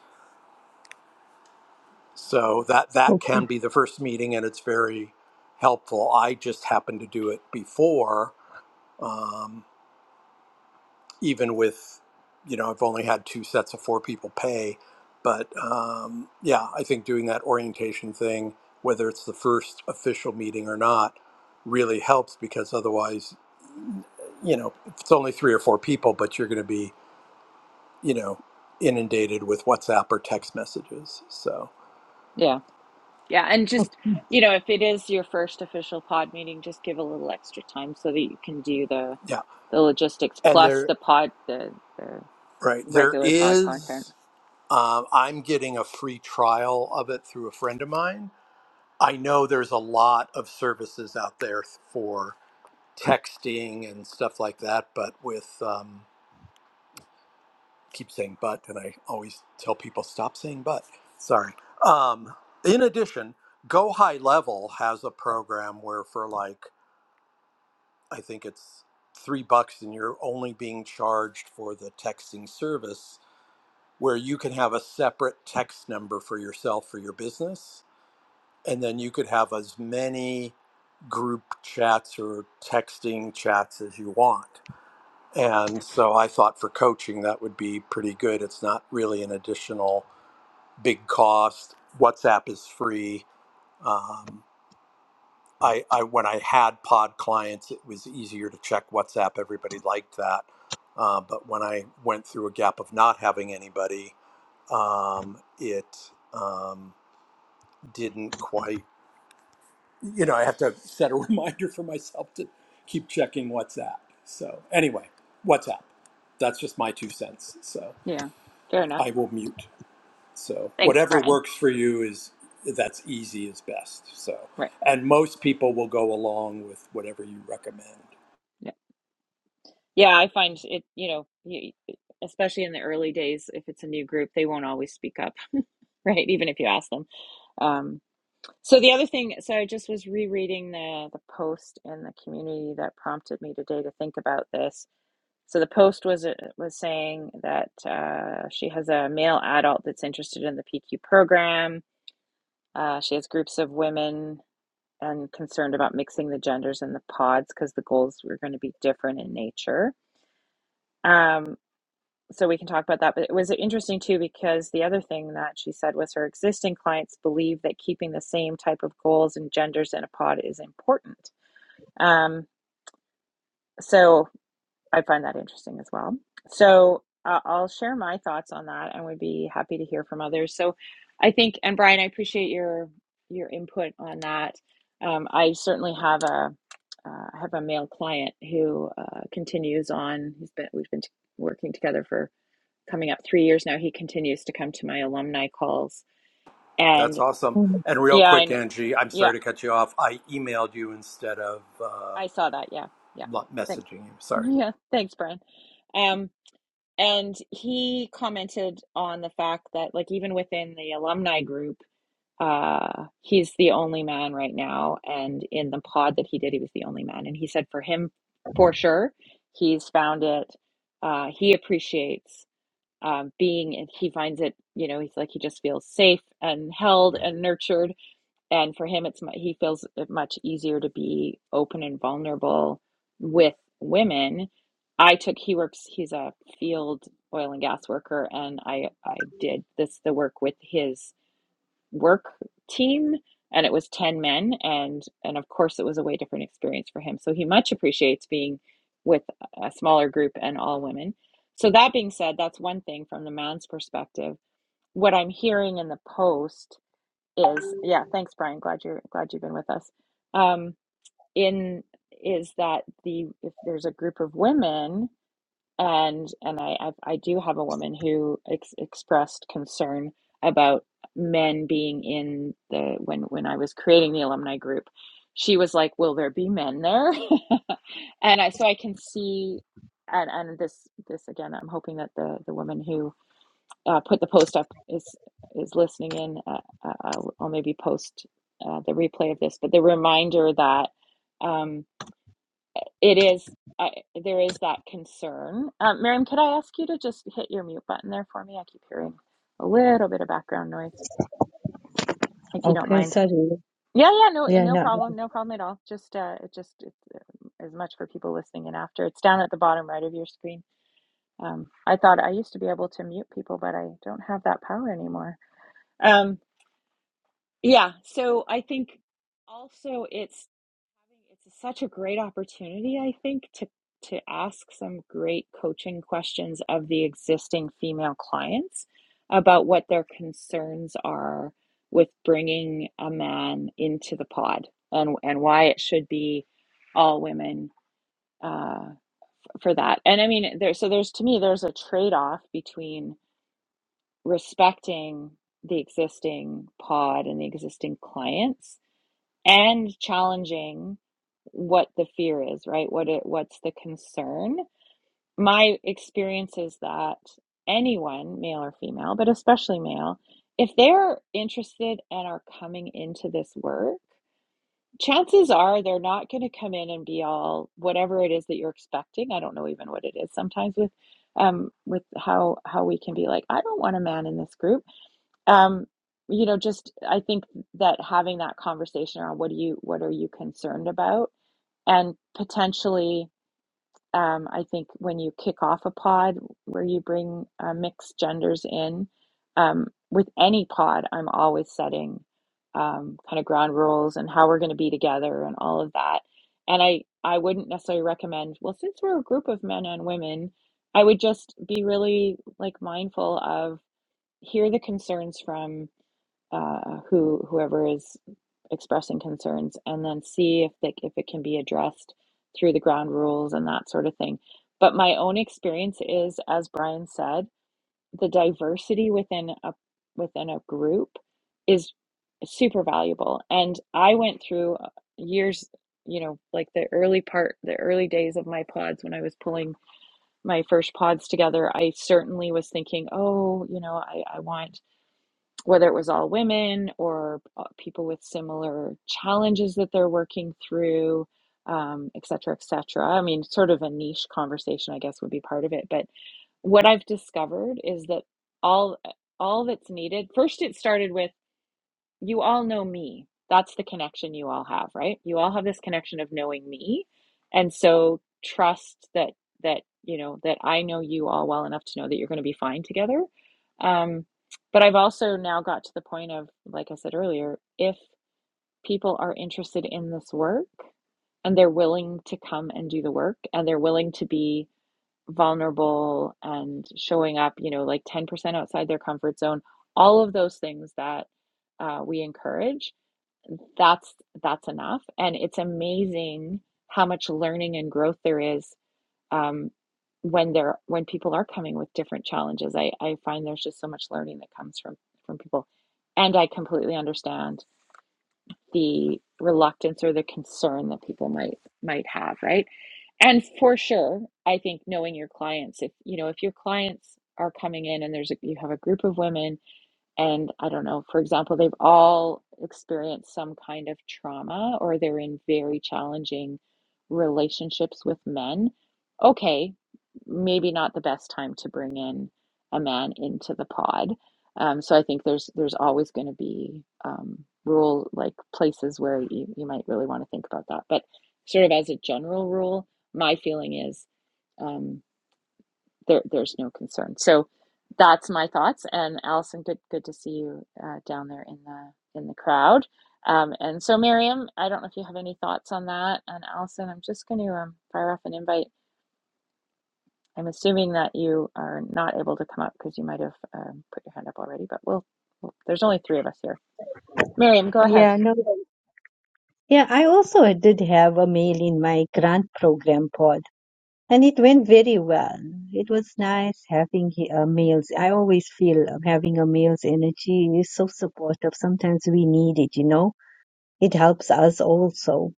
S2: so that that
S4: Okay.
S2: can be the first meeting, and it's very helpful. I just happened to do it before, um, even with, you know, I've only had two sets of four people pay, but um, yeah, I think doing that orientation thing, whether it's the first official meeting or not, really helps because otherwise, you know, if it's only three or four people, but you're going to be, you know, inundated with WhatsApp or text messages. So
S1: yeah, yeah. And just, you know, if it is your first official pod meeting, just give a little extra time so that you can do the
S2: yeah,
S1: the logistics
S2: and
S1: plus
S2: there
S1: the pod the, the
S2: Right. There
S1: regular pod content.
S2: is, um, I'm getting a free trial of it through a friend of mine. I know there's a lot of services out there for texting and stuff like that, but with, um, keep saying but, and I always tell people stop saying but. Sorry. Um, in addition, Go High Level has a program where for like, I think it's three bucks and you're only being charged for the texting service where you can have a separate text number for yourself for your business and then you could have as many group chats or texting chats as you want and so i thought for coaching that would be pretty good it's not really an additional big cost whatsapp is free Um, I, I when I had pod clients, it was easier to check WhatsApp. Everybody liked that. Uh, but when I went through a gap of not having anybody, um, it um, didn't quite. You know, I have to set a reminder for myself to keep checking WhatsApp. So anyway, WhatsApp. That's just my two cents. So
S1: Yeah, fair enough.
S2: I will mute. So
S1: Thanks,
S2: whatever
S1: Brian.
S2: works for you is that's easy is best. So
S1: Right.
S2: and most people will go along with whatever you recommend.
S1: Yeah. Yeah, I find it, you know, especially in the early days, if it's a new group, they won't always speak up right? Even if you ask them. Um, so the other thing, so I just was rereading the the post in the community that prompted me today to think about this. So the post was uh, was saying that uh, she has a male adult that's interested in the PQ program. Uh, she has groups of women and concerned about mixing the genders in the pods because the goals were going to be different in nature. Um, so we can talk about that. But it was interesting too because the other thing that she said was her existing clients believe that keeping the same type of goals and genders in a pod is important. Um, so I find that interesting as well. So uh, I'll share my thoughts on that, and we would be happy to hear from others. So I think, and Brian, I appreciate your your input on that. Um, I certainly have a uh, have a male client who uh, continues on. He's been we've been t- working together for coming up three years now, he continues to come to my alumni calls.
S2: That's
S1: And
S2: awesome. And real
S1: yeah, I
S2: quick, Angie, I'm
S1: yeah,
S2: sorry to cut you off. I emailed you instead of uh,
S1: I saw that. Yeah, yeah. Thank
S2: messaging you. Sorry.
S1: yeah, thanks, Brian. Um, and he commented on the fact that like even within the alumni group, uh, he's the only man right now. And in the pod that he did, he was the only man. And he said for him, for sure, he's found it. Uh, he appreciates. um, being and he finds it you know he's like he just feels safe and held and nurtured and for him it's he feels it much easier to be open and vulnerable with women i took he works he's a field oil and gas worker and i i did this the work with his work team and it was 10 men and and of course it was a way different experience for him so he much appreciates being with a smaller group and all women so that being said that's one thing from the man's perspective what i'm hearing in the post is yeah thanks brian glad you're glad you've been with us um in is that the if there's a group of women and and I I've, I do have a woman who ex expressed concern about men being in the when when I was creating the alumni group. She was like, "Will there be men there?" and I so I can see and and this this again. I'm hoping that the the woman who uh, put the post up is is listening in. Uh, uh, I'll, I'll maybe post uh, the replay of this, but the reminder that. Um, it is I, there is that concern. Um, Miriam, could I ask you to just hit your mute button there for me? I keep hearing a little bit of background noise, if you don't
S4: Okay.
S1: mind.
S4: Sorry.
S1: Yeah, yeah, no, uh,
S4: Yeah.
S1: no
S4: No.
S1: problem, no problem at all. Just uh, it just it's uh, as much for people listening in after. It's down at the bottom right of your screen. Um, I thought I used to be able to mute people, but I don't have that power anymore. Um. Yeah, so I think also it's it's such a great opportunity, I think, to to ask some great coaching questions of the existing female clients about what their concerns are with bringing a man into the pod and and why it should be all women uh, for that. And I mean, there so there's to me there's a trade-off between respecting the existing pod and the existing clients and challenging what the fear is, right? What it what's the concern? My experience is that anyone, male or female, but especially male, if they're interested and are coming into this work, chances are they're not going to come in and be all whatever it is that you're expecting. I don't know even what it is sometimes with um with how how we can be like, I don't want a man in this group um you know just i think that having that conversation around what do you what are you concerned about and potentially um i think when you kick off a pod where you bring uh, mixed genders in um with any pod i'm always setting um kind of ground rules and how we're going to be together and all of that and i i wouldn't necessarily recommend well since we're a group of men and women i would just be really like mindful of hear the concerns from uh, who whoever is expressing concerns and then see if they, if it can be addressed through the ground rules and that sort of thing. But my own experience is, as Brian said, the diversity within a within a group is super valuable. And I went through uh, years, you know, like the early part, the early days of my pods when I was pulling my first pods together. I certainly was thinking, oh, you know, I, I want whether it was all women or uh, people with similar challenges that they're working through, um, et cetera, et cetera. I mean, sort of a niche conversation, I guess, would be part of it. But what I've discovered is that all uh, all that's needed. First, it started with you all know me. That's the connection you all have, right? You all have this connection of knowing me. And so trust that that, you know, that I know you all well enough to know that you're going to be fine together. Um, but I've also now got to the point of, like I said earlier, if people are interested in this work and they're willing to come and do the work and they're willing to be vulnerable and showing up, you know, like 10% outside their comfort zone, all of those things that uh, we encourage, that's that's enough. And it's amazing how much learning and growth there is um, when they're when people are coming with different challenges. I, I find there's just so much learning that comes from from people. And I completely understand the reluctance or the concern that people might might have, right? And for sure, I think knowing your clients, if you know, if your clients are coming in and there's a, you have a group of women and I don't know, for example, they've all experienced some kind of trauma or they're in very challenging relationships with men, okay, maybe not the best time to bring in a man into the pod. Um, so I think there's there's always going to be um, rule like places where you, you might really want to think about that. But sort of as a general rule, my feeling is um, there there's no concern. So that's my thoughts. And Allison, good good to see you uh, down there in the in the crowd. Um, and so Miriam, I don't know if you have any thoughts on that. And Allison, I'm just going to um, fire off an invite. I'm assuming that you are not able to come up because you might have um, put your hand up already. But we'll, we'll there's only three of us here. Miriam, go ahead.
S4: Yeah. No. Yeah, I also did have a meal in my grant program pod, and it went very well. It was nice having he- uh, meals. I always feel um, having a meal's energy is so supportive. Sometimes we need it, you know. It helps us also.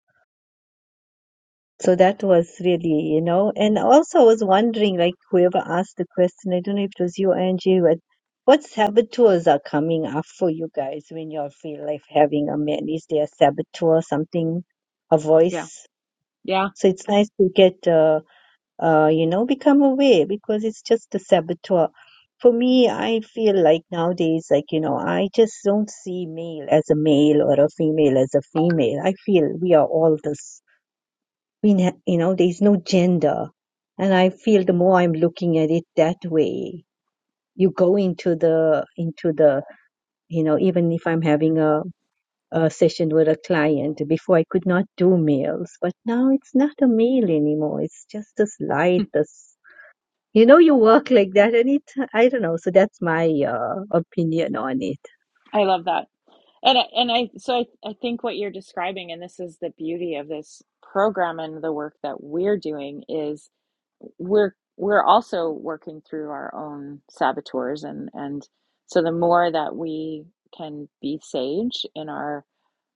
S4: So that was really, you know, and also I was wondering, like whoever asked the question, I don't know if it was you, Angie, but what saboteurs are coming up for you guys when you feel like having a meal? Is there a saboteur, something, a
S1: Yeah,
S4: voice?
S1: yeah.
S4: So it's nice to get, uh, uh, you know, become aware because it's just a saboteur. For me, I feel like nowadays, like, you know, I just don't see male as a male or a female as a female. I feel we are all this. We, ne- you know, there's no gender. And I feel the more I'm looking at it that way, you go into the, into the, you know, even if I'm having a a session with a client. Before I could not do meals, but now it's not a meal anymore. It's just this light, this you know, you work like that, and it I don't know. So that's my uh, opinion on it.
S1: I love that. And I- and I so I, I think what you're describing, and this is the beauty of this program and the work that we're doing is we're we're also working through our own saboteurs and and so the more that we can be sage in our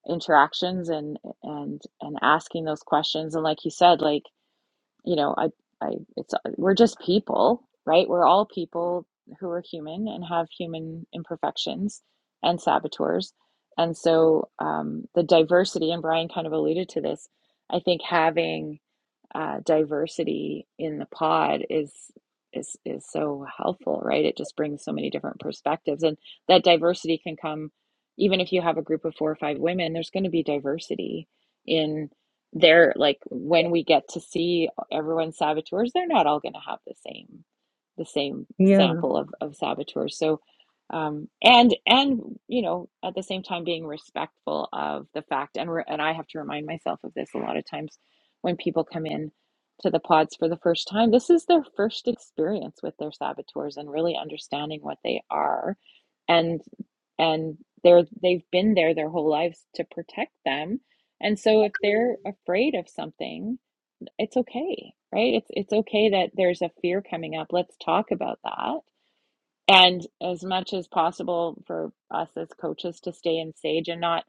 S1: interactions and and and asking those questions and like you said like you know, I, I, it's, uh, we're just people, right? We're all people who are human and have human imperfections and saboteurs. And so um, the diversity, and Brian kind of alluded to this, I think having uh, diversity in the pod is is is so helpful, right? It just brings so many different perspectives, and that diversity can come even if you have a group of four or five women. There's going to be diversity in their like when we get to see everyone's saboteurs, they're not all going to have the same the same
S4: Yeah.
S1: sample of of saboteurs. So um and and you know at the same time being respectful of the fact and re- and I have to remind myself of this a lot of times when people come in to the pods for the first time. This is their first experience with their saboteurs and really understanding what they are and and they're they've been there their whole lives to protect them. And so if they're afraid of something, it's okay, right? It's it's okay that there's a fear coming up. Let's talk about that. And as much as possible for us as coaches to stay in sage and not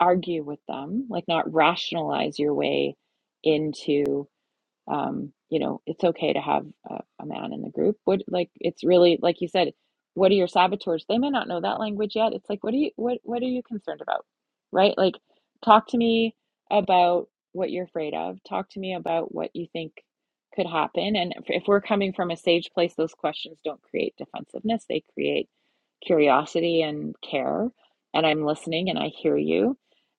S1: argue with them, like not rationalize your way into um, you know, it's okay to have a, a man in the group. What, like, it's really, like you said, what are your saboteurs? They may not know that language yet. It's like, what are you, what, what are you concerned about? Right? Like, talk to me about what you're afraid of. Talk to me about what you think could happen. And if, if we're coming from a sage place, those questions don't create defensiveness. They create curiosity and care. And I'm listening and I hear you.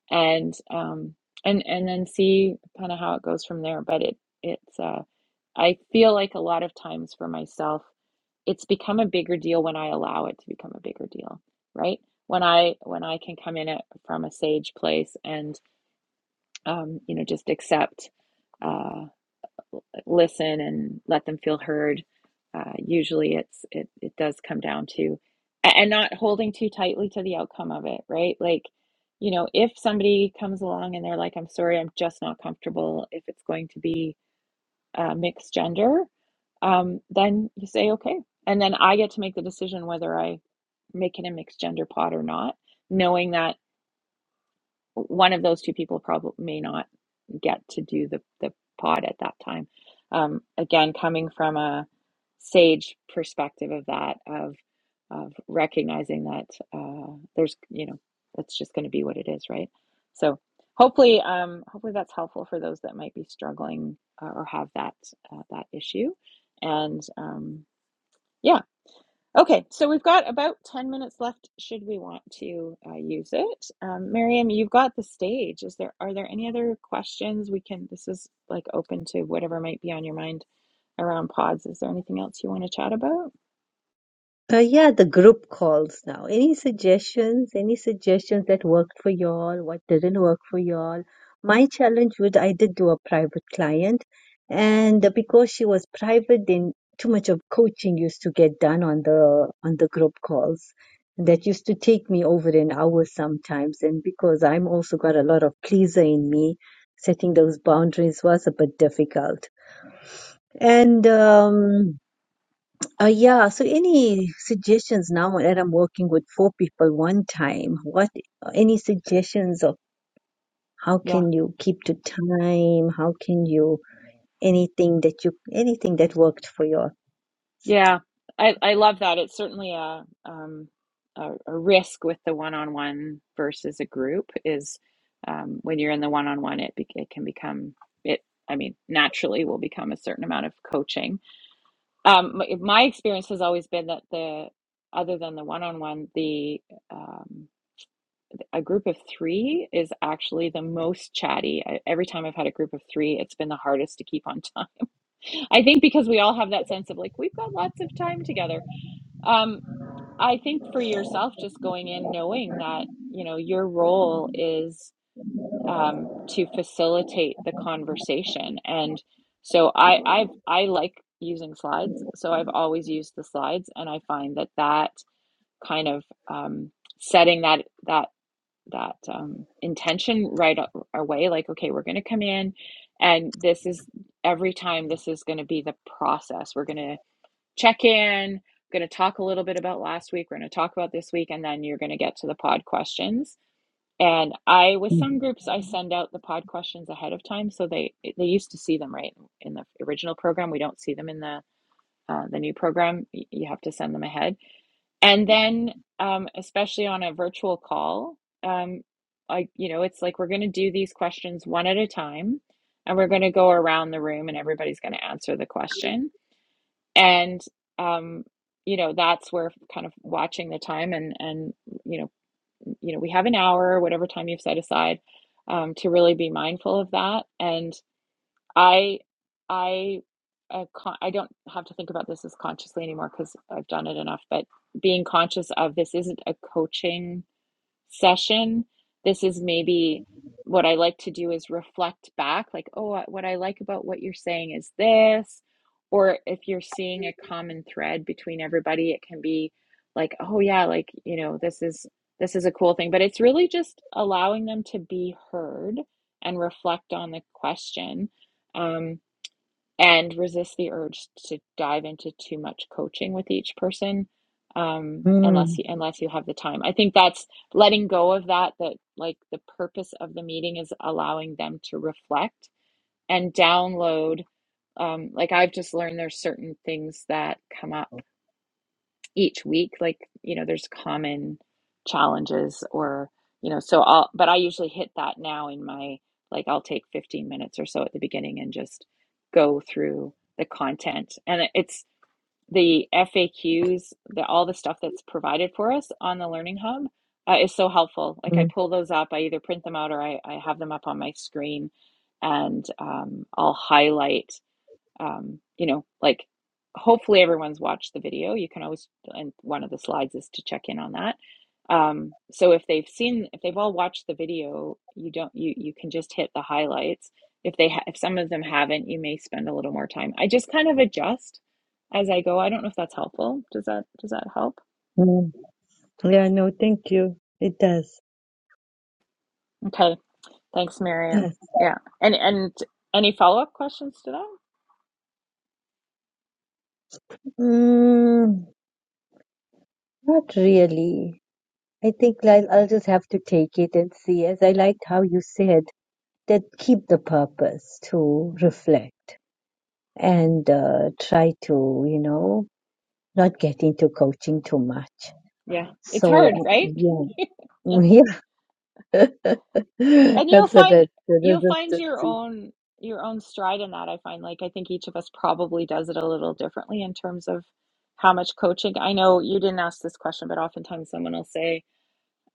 S1: And, um, and and then see kind of how it goes from there. But it it's uh I feel like a lot of times for myself, it's become a bigger deal when I allow it to become a bigger deal, right? When I when I can come in at, from a sage place and um, you know just accept, uh, listen, and let them feel heard. Uh, usually, it's it it does come down to and not holding too tightly to the outcome of it, right? Like, you know, if somebody comes along and they're like, "I'm sorry, I'm just not comfortable," if it's going to be uh, mixed gender, um, then you say okay. And then I get to make the decision whether I make it a mixed gender pot or not, knowing that one of those two people probably may not get to do the, the pod at that time. Um, again, coming from a sage perspective of that, of of recognizing that uh, there's, you know, it's just going to be what it is, right? So hopefully, um, hopefully that's helpful for those that might be struggling uh, or have that uh, that issue and. Um, yeah. Okay. So we've got about 10 minutes left should we want to uh, use it. Um, Miriam, you've got the stage. Is there are there any other questions we can this is like open to whatever might be on your mind around pods. Is there anything else you want to chat about?
S4: Uh, yeah, the group calls now. Any suggestions? Any suggestions that worked for y'all? What didn't work for y'all? My challenge would I did do a private client, and because she was private, then too much of coaching used to get done on the on the group calls. That used to take me over an hour sometimes, and because I'm also got a lot of pleaser in me, setting those boundaries was a bit difficult. And um, uh, yeah, so any suggestions now that I'm working with four people one time, what any suggestions of how
S1: Yeah.
S4: can you keep to time? How can you anything that you anything that worked for your
S1: Yeah, I, I love that. It's certainly a, um, a a risk with the one-on-one versus a group is um, when you're in the one-on-one, it be, it can become it. I mean, naturally will become a certain amount of coaching. Um, my, my experience has always been that the other than the one-on-one, the um, a group of three is actually the most chatty. I, every time I've had a group of three, it's been the hardest to keep on time. I think because we all have that sense of like we've got lots of time together um, I think for yourself, just going in knowing that, you know, your role is um, to facilitate the conversation. And so I, I've, I like using slides. So I've always used the slides, and I find that that kind of um, setting that that that um, intention right away, like, okay, we're going to come in, and this is every time. This is going to be the process. We're going to check in. I'm going to talk a little bit about last week. We're going to talk about this week, and then you're going to get to the pod questions. And I, with
S4: mm
S1: some groups, I send out the pod questions ahead of time, so they they used to see them right in the original program. We don't see them in the uh, the new program. You have to send them ahead, and then um, especially on a virtual call, um, I you know it's like we're going to do these questions one at a time, and we're going to go around the room, and everybody's going to answer the question and um you know that's where kind of watching the time and and you know you know we have an hour whatever time you've set aside um to really be mindful of that and i i uh, con- i don't have to think about this as consciously anymore because i've done it enough but being conscious of this isn't a coaching session. This is maybe what I like to do is reflect back, like, oh, what I like about what you're saying is this. Or if you're seeing a common thread between everybody, it can be like, oh, yeah, like, you know, this is. This is a cool thing, but it's really just allowing them to be heard and reflect on the question. Um, and resist the urge to dive into too much coaching with each person um, unless
S4: mm
S1: you unless you have the time. I think that's letting go of that that like the purpose of the meeting is allowing them to reflect and download um, like I've just learned there's certain things that come up each week like you know there's common challenges or you know so I'll but I usually hit that now in my like I'll take 15 minutes or so at the beginning and just go through the content and it's the FAQs the all the stuff that's provided for us on the learning hub uh, is so helpful like I
S4: mm,
S1: pull those up I either print them out or I, I have them up on my screen and um, I'll highlight um, you know, like hopefully everyone's watched the video. You can always, and one of the slides is to check in on that. Um, so if they've seen, if they've all watched the video, you don't, you you can just hit the highlights. If they, ha- if some of them haven't, you may spend a little more time. I just kind of adjust as I go. I don't know if that's helpful. Does that does that help?
S4: mm. Yeah, no, thank you. It does.
S1: Okay, thanks, Miriam.
S4: Does.
S1: Yeah, and and any follow up questions to that?
S4: Mm, not really. I think I'll, I'll just have to take it and see. As I liked how you said that keep the purpose to
S1: hmm
S4: reflect and uh, try to, you know, not get into coaching too much.
S1: Yeah, it's hard,
S4: So uh,
S1: right?
S4: yeah,
S1: Yeah.
S4: yeah,
S1: and you'll
S4: that's a, that,
S1: find
S4: that,
S1: you'll
S4: that,
S1: find
S4: that,
S1: your
S4: that-
S1: own your own stride in that i find like i think each of us probably does it a little differently in terms of how much coaching i know you didn't ask this question but oftentimes someone will say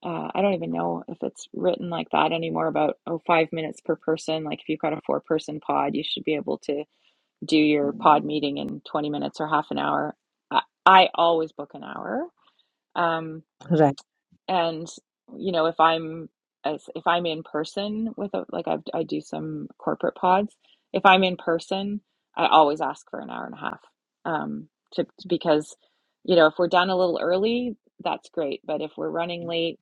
S1: uh, i don't even know if it's written like that anymore about oh five minutes per person like if you've got a four person pod you should be able to do your pod meeting in 20 minutes or half an hour i, I always book an hour Um,
S4: right.
S1: and you know if i'm as if i'm in person with a, like I've, i do some corporate pods if i'm in person i always ask for an hour and a half um to because you know if we're done a little early that's great but if we're running late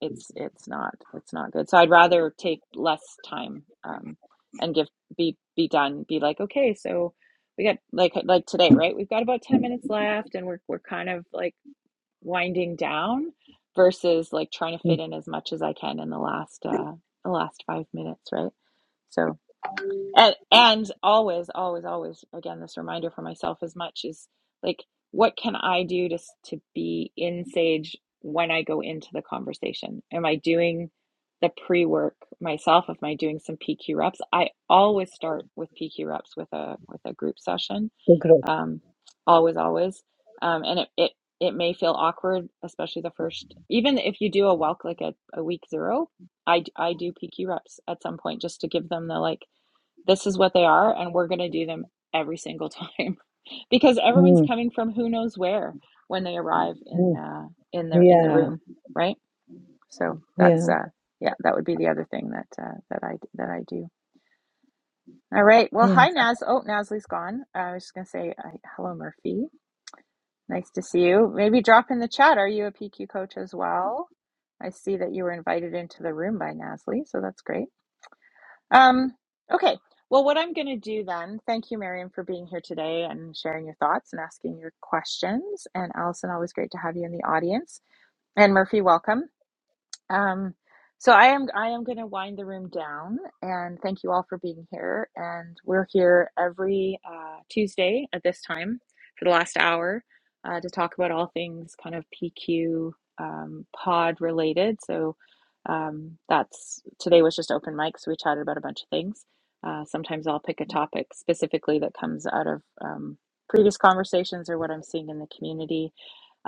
S1: it's it's not it's not good so i'd rather take less time um and give be be done be like okay so we got like like today right we've got about 10 minutes left and we're we're kind of like winding down versus like trying to fit
S4: Mm,
S1: in as much as I can in the last uh the last five minutes, right? So and and always, always, always again this reminder for myself as much is like what can I do to to be in Sage when I go into the conversation? Am I doing the pre-work myself? Am I doing some PQ reps? I always start with PQ reps with a with a group session
S4: The growth.
S1: um, always, always. Um, and it, it, it may feel awkward, especially the first, even if you do a walk like a, a week zero, I, I I do PQ reps at some point just to give them the like, this is what they are, and we're going to do them every single time because everyone's
S4: Mm,
S1: coming from who knows where when they arrive in,
S4: mm.
S1: uh, in their, in the
S4: Yeah,
S1: room, right? So that's,
S4: yeah,
S1: uh, yeah, that would be the other thing that, uh, that I, that I do. All right. Well,
S4: yeah.
S1: hi, Naz. Oh, Nazly's gone. I was just going to say uh, hello, Murphy. Nice to see you. Maybe drop in the chat. Are you a PQ coach as well? I see that you were invited into the room by Nasli, so that's great. Um, okay. Well, what I'm going to do then, thank you, Miriam, for being here today and sharing your thoughts and asking your questions. And Allison, always great to have you in the audience. And Murphy, welcome. Um, so I am I am going to wind the room down, and thank you all for being here. And we're here every uh, Tuesday at this time for the last hour uh, to talk about all things kind of PQ um, pod related. So um, that's today was just open mic, so we chatted about a bunch of things. Uh, sometimes I'll pick a topic specifically that comes out of um, previous conversations or what I'm seeing in the community.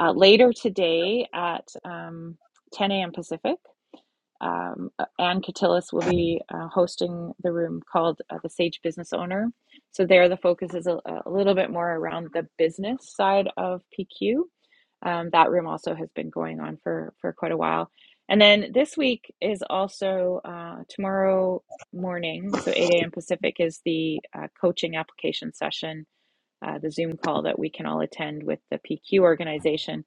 S1: Uh, later today at um, 10 a.m. Pacific. Um, uh, Ann Catillus will be uh, hosting the room called uh, The Sage Business Owner. So, there the focus is a, a little bit more around the business side of PQ. Um, that room also has been going on for, for quite a while. And then this week is also uh, tomorrow morning, so 8 a.m. Pacific, is the uh, coaching application session uh, the Zoom call that we can all attend with the PQ organization.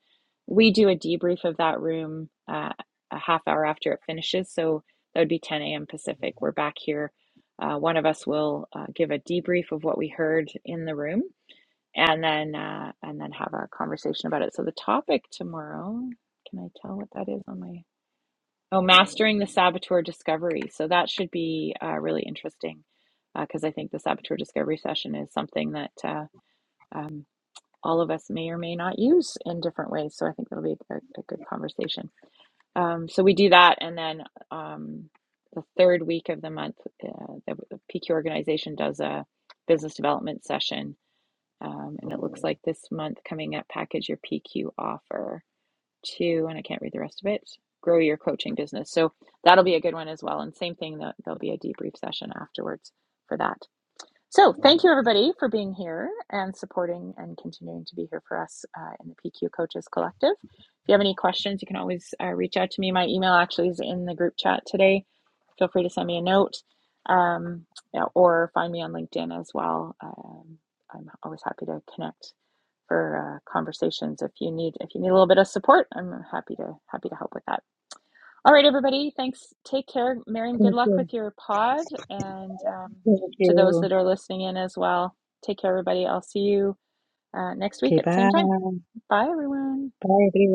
S1: We do a debrief of that room uh, a half hour after it finishes. So that would be 10 a.m. Pacific. We're back here. Uh, one of us will uh, give a debrief of what we heard in the room and then uh, and then have our conversation about it. So the topic tomorrow, can I tell what that is on my oh mastering the saboteur discovery. So that should be uh, really interesting because uh, I think the saboteur discovery session is something that uh, um, all of us may or may not use in different ways. So I think that'll be a, a good conversation. Um, so we do that, and then um, the third week of the month, uh, the PQ organization does a business development session, um, and it looks like this month coming up, package your PQ offer to, and I can't read the rest of it. Grow your coaching business. So that'll be a good one as well. And same thing, there- there'll be a debrief session afterwards for that. So, thank you everybody for being here and supporting and continuing to be here for us uh, in the PQ Coaches Collective. If you have any questions, you can always uh, reach out to me. My email actually is in the group chat today. Feel free to send me a note um, yeah, or find me on LinkedIn as well. Um, I'm always happy to connect for uh, conversations. If you need if you need a little bit of support, I'm happy to happy to help with that. All right, everybody. Thanks. Take care. Miriam, good
S4: Thank
S1: luck
S4: you.
S1: with your pod. And um,
S4: Thank
S1: to those
S4: you.
S1: that are listening in as well, take care, everybody. I'll see you uh, next week
S4: Okay,
S1: at the same
S4: bye.
S1: time. Bye, everyone.
S4: Bye, everyone.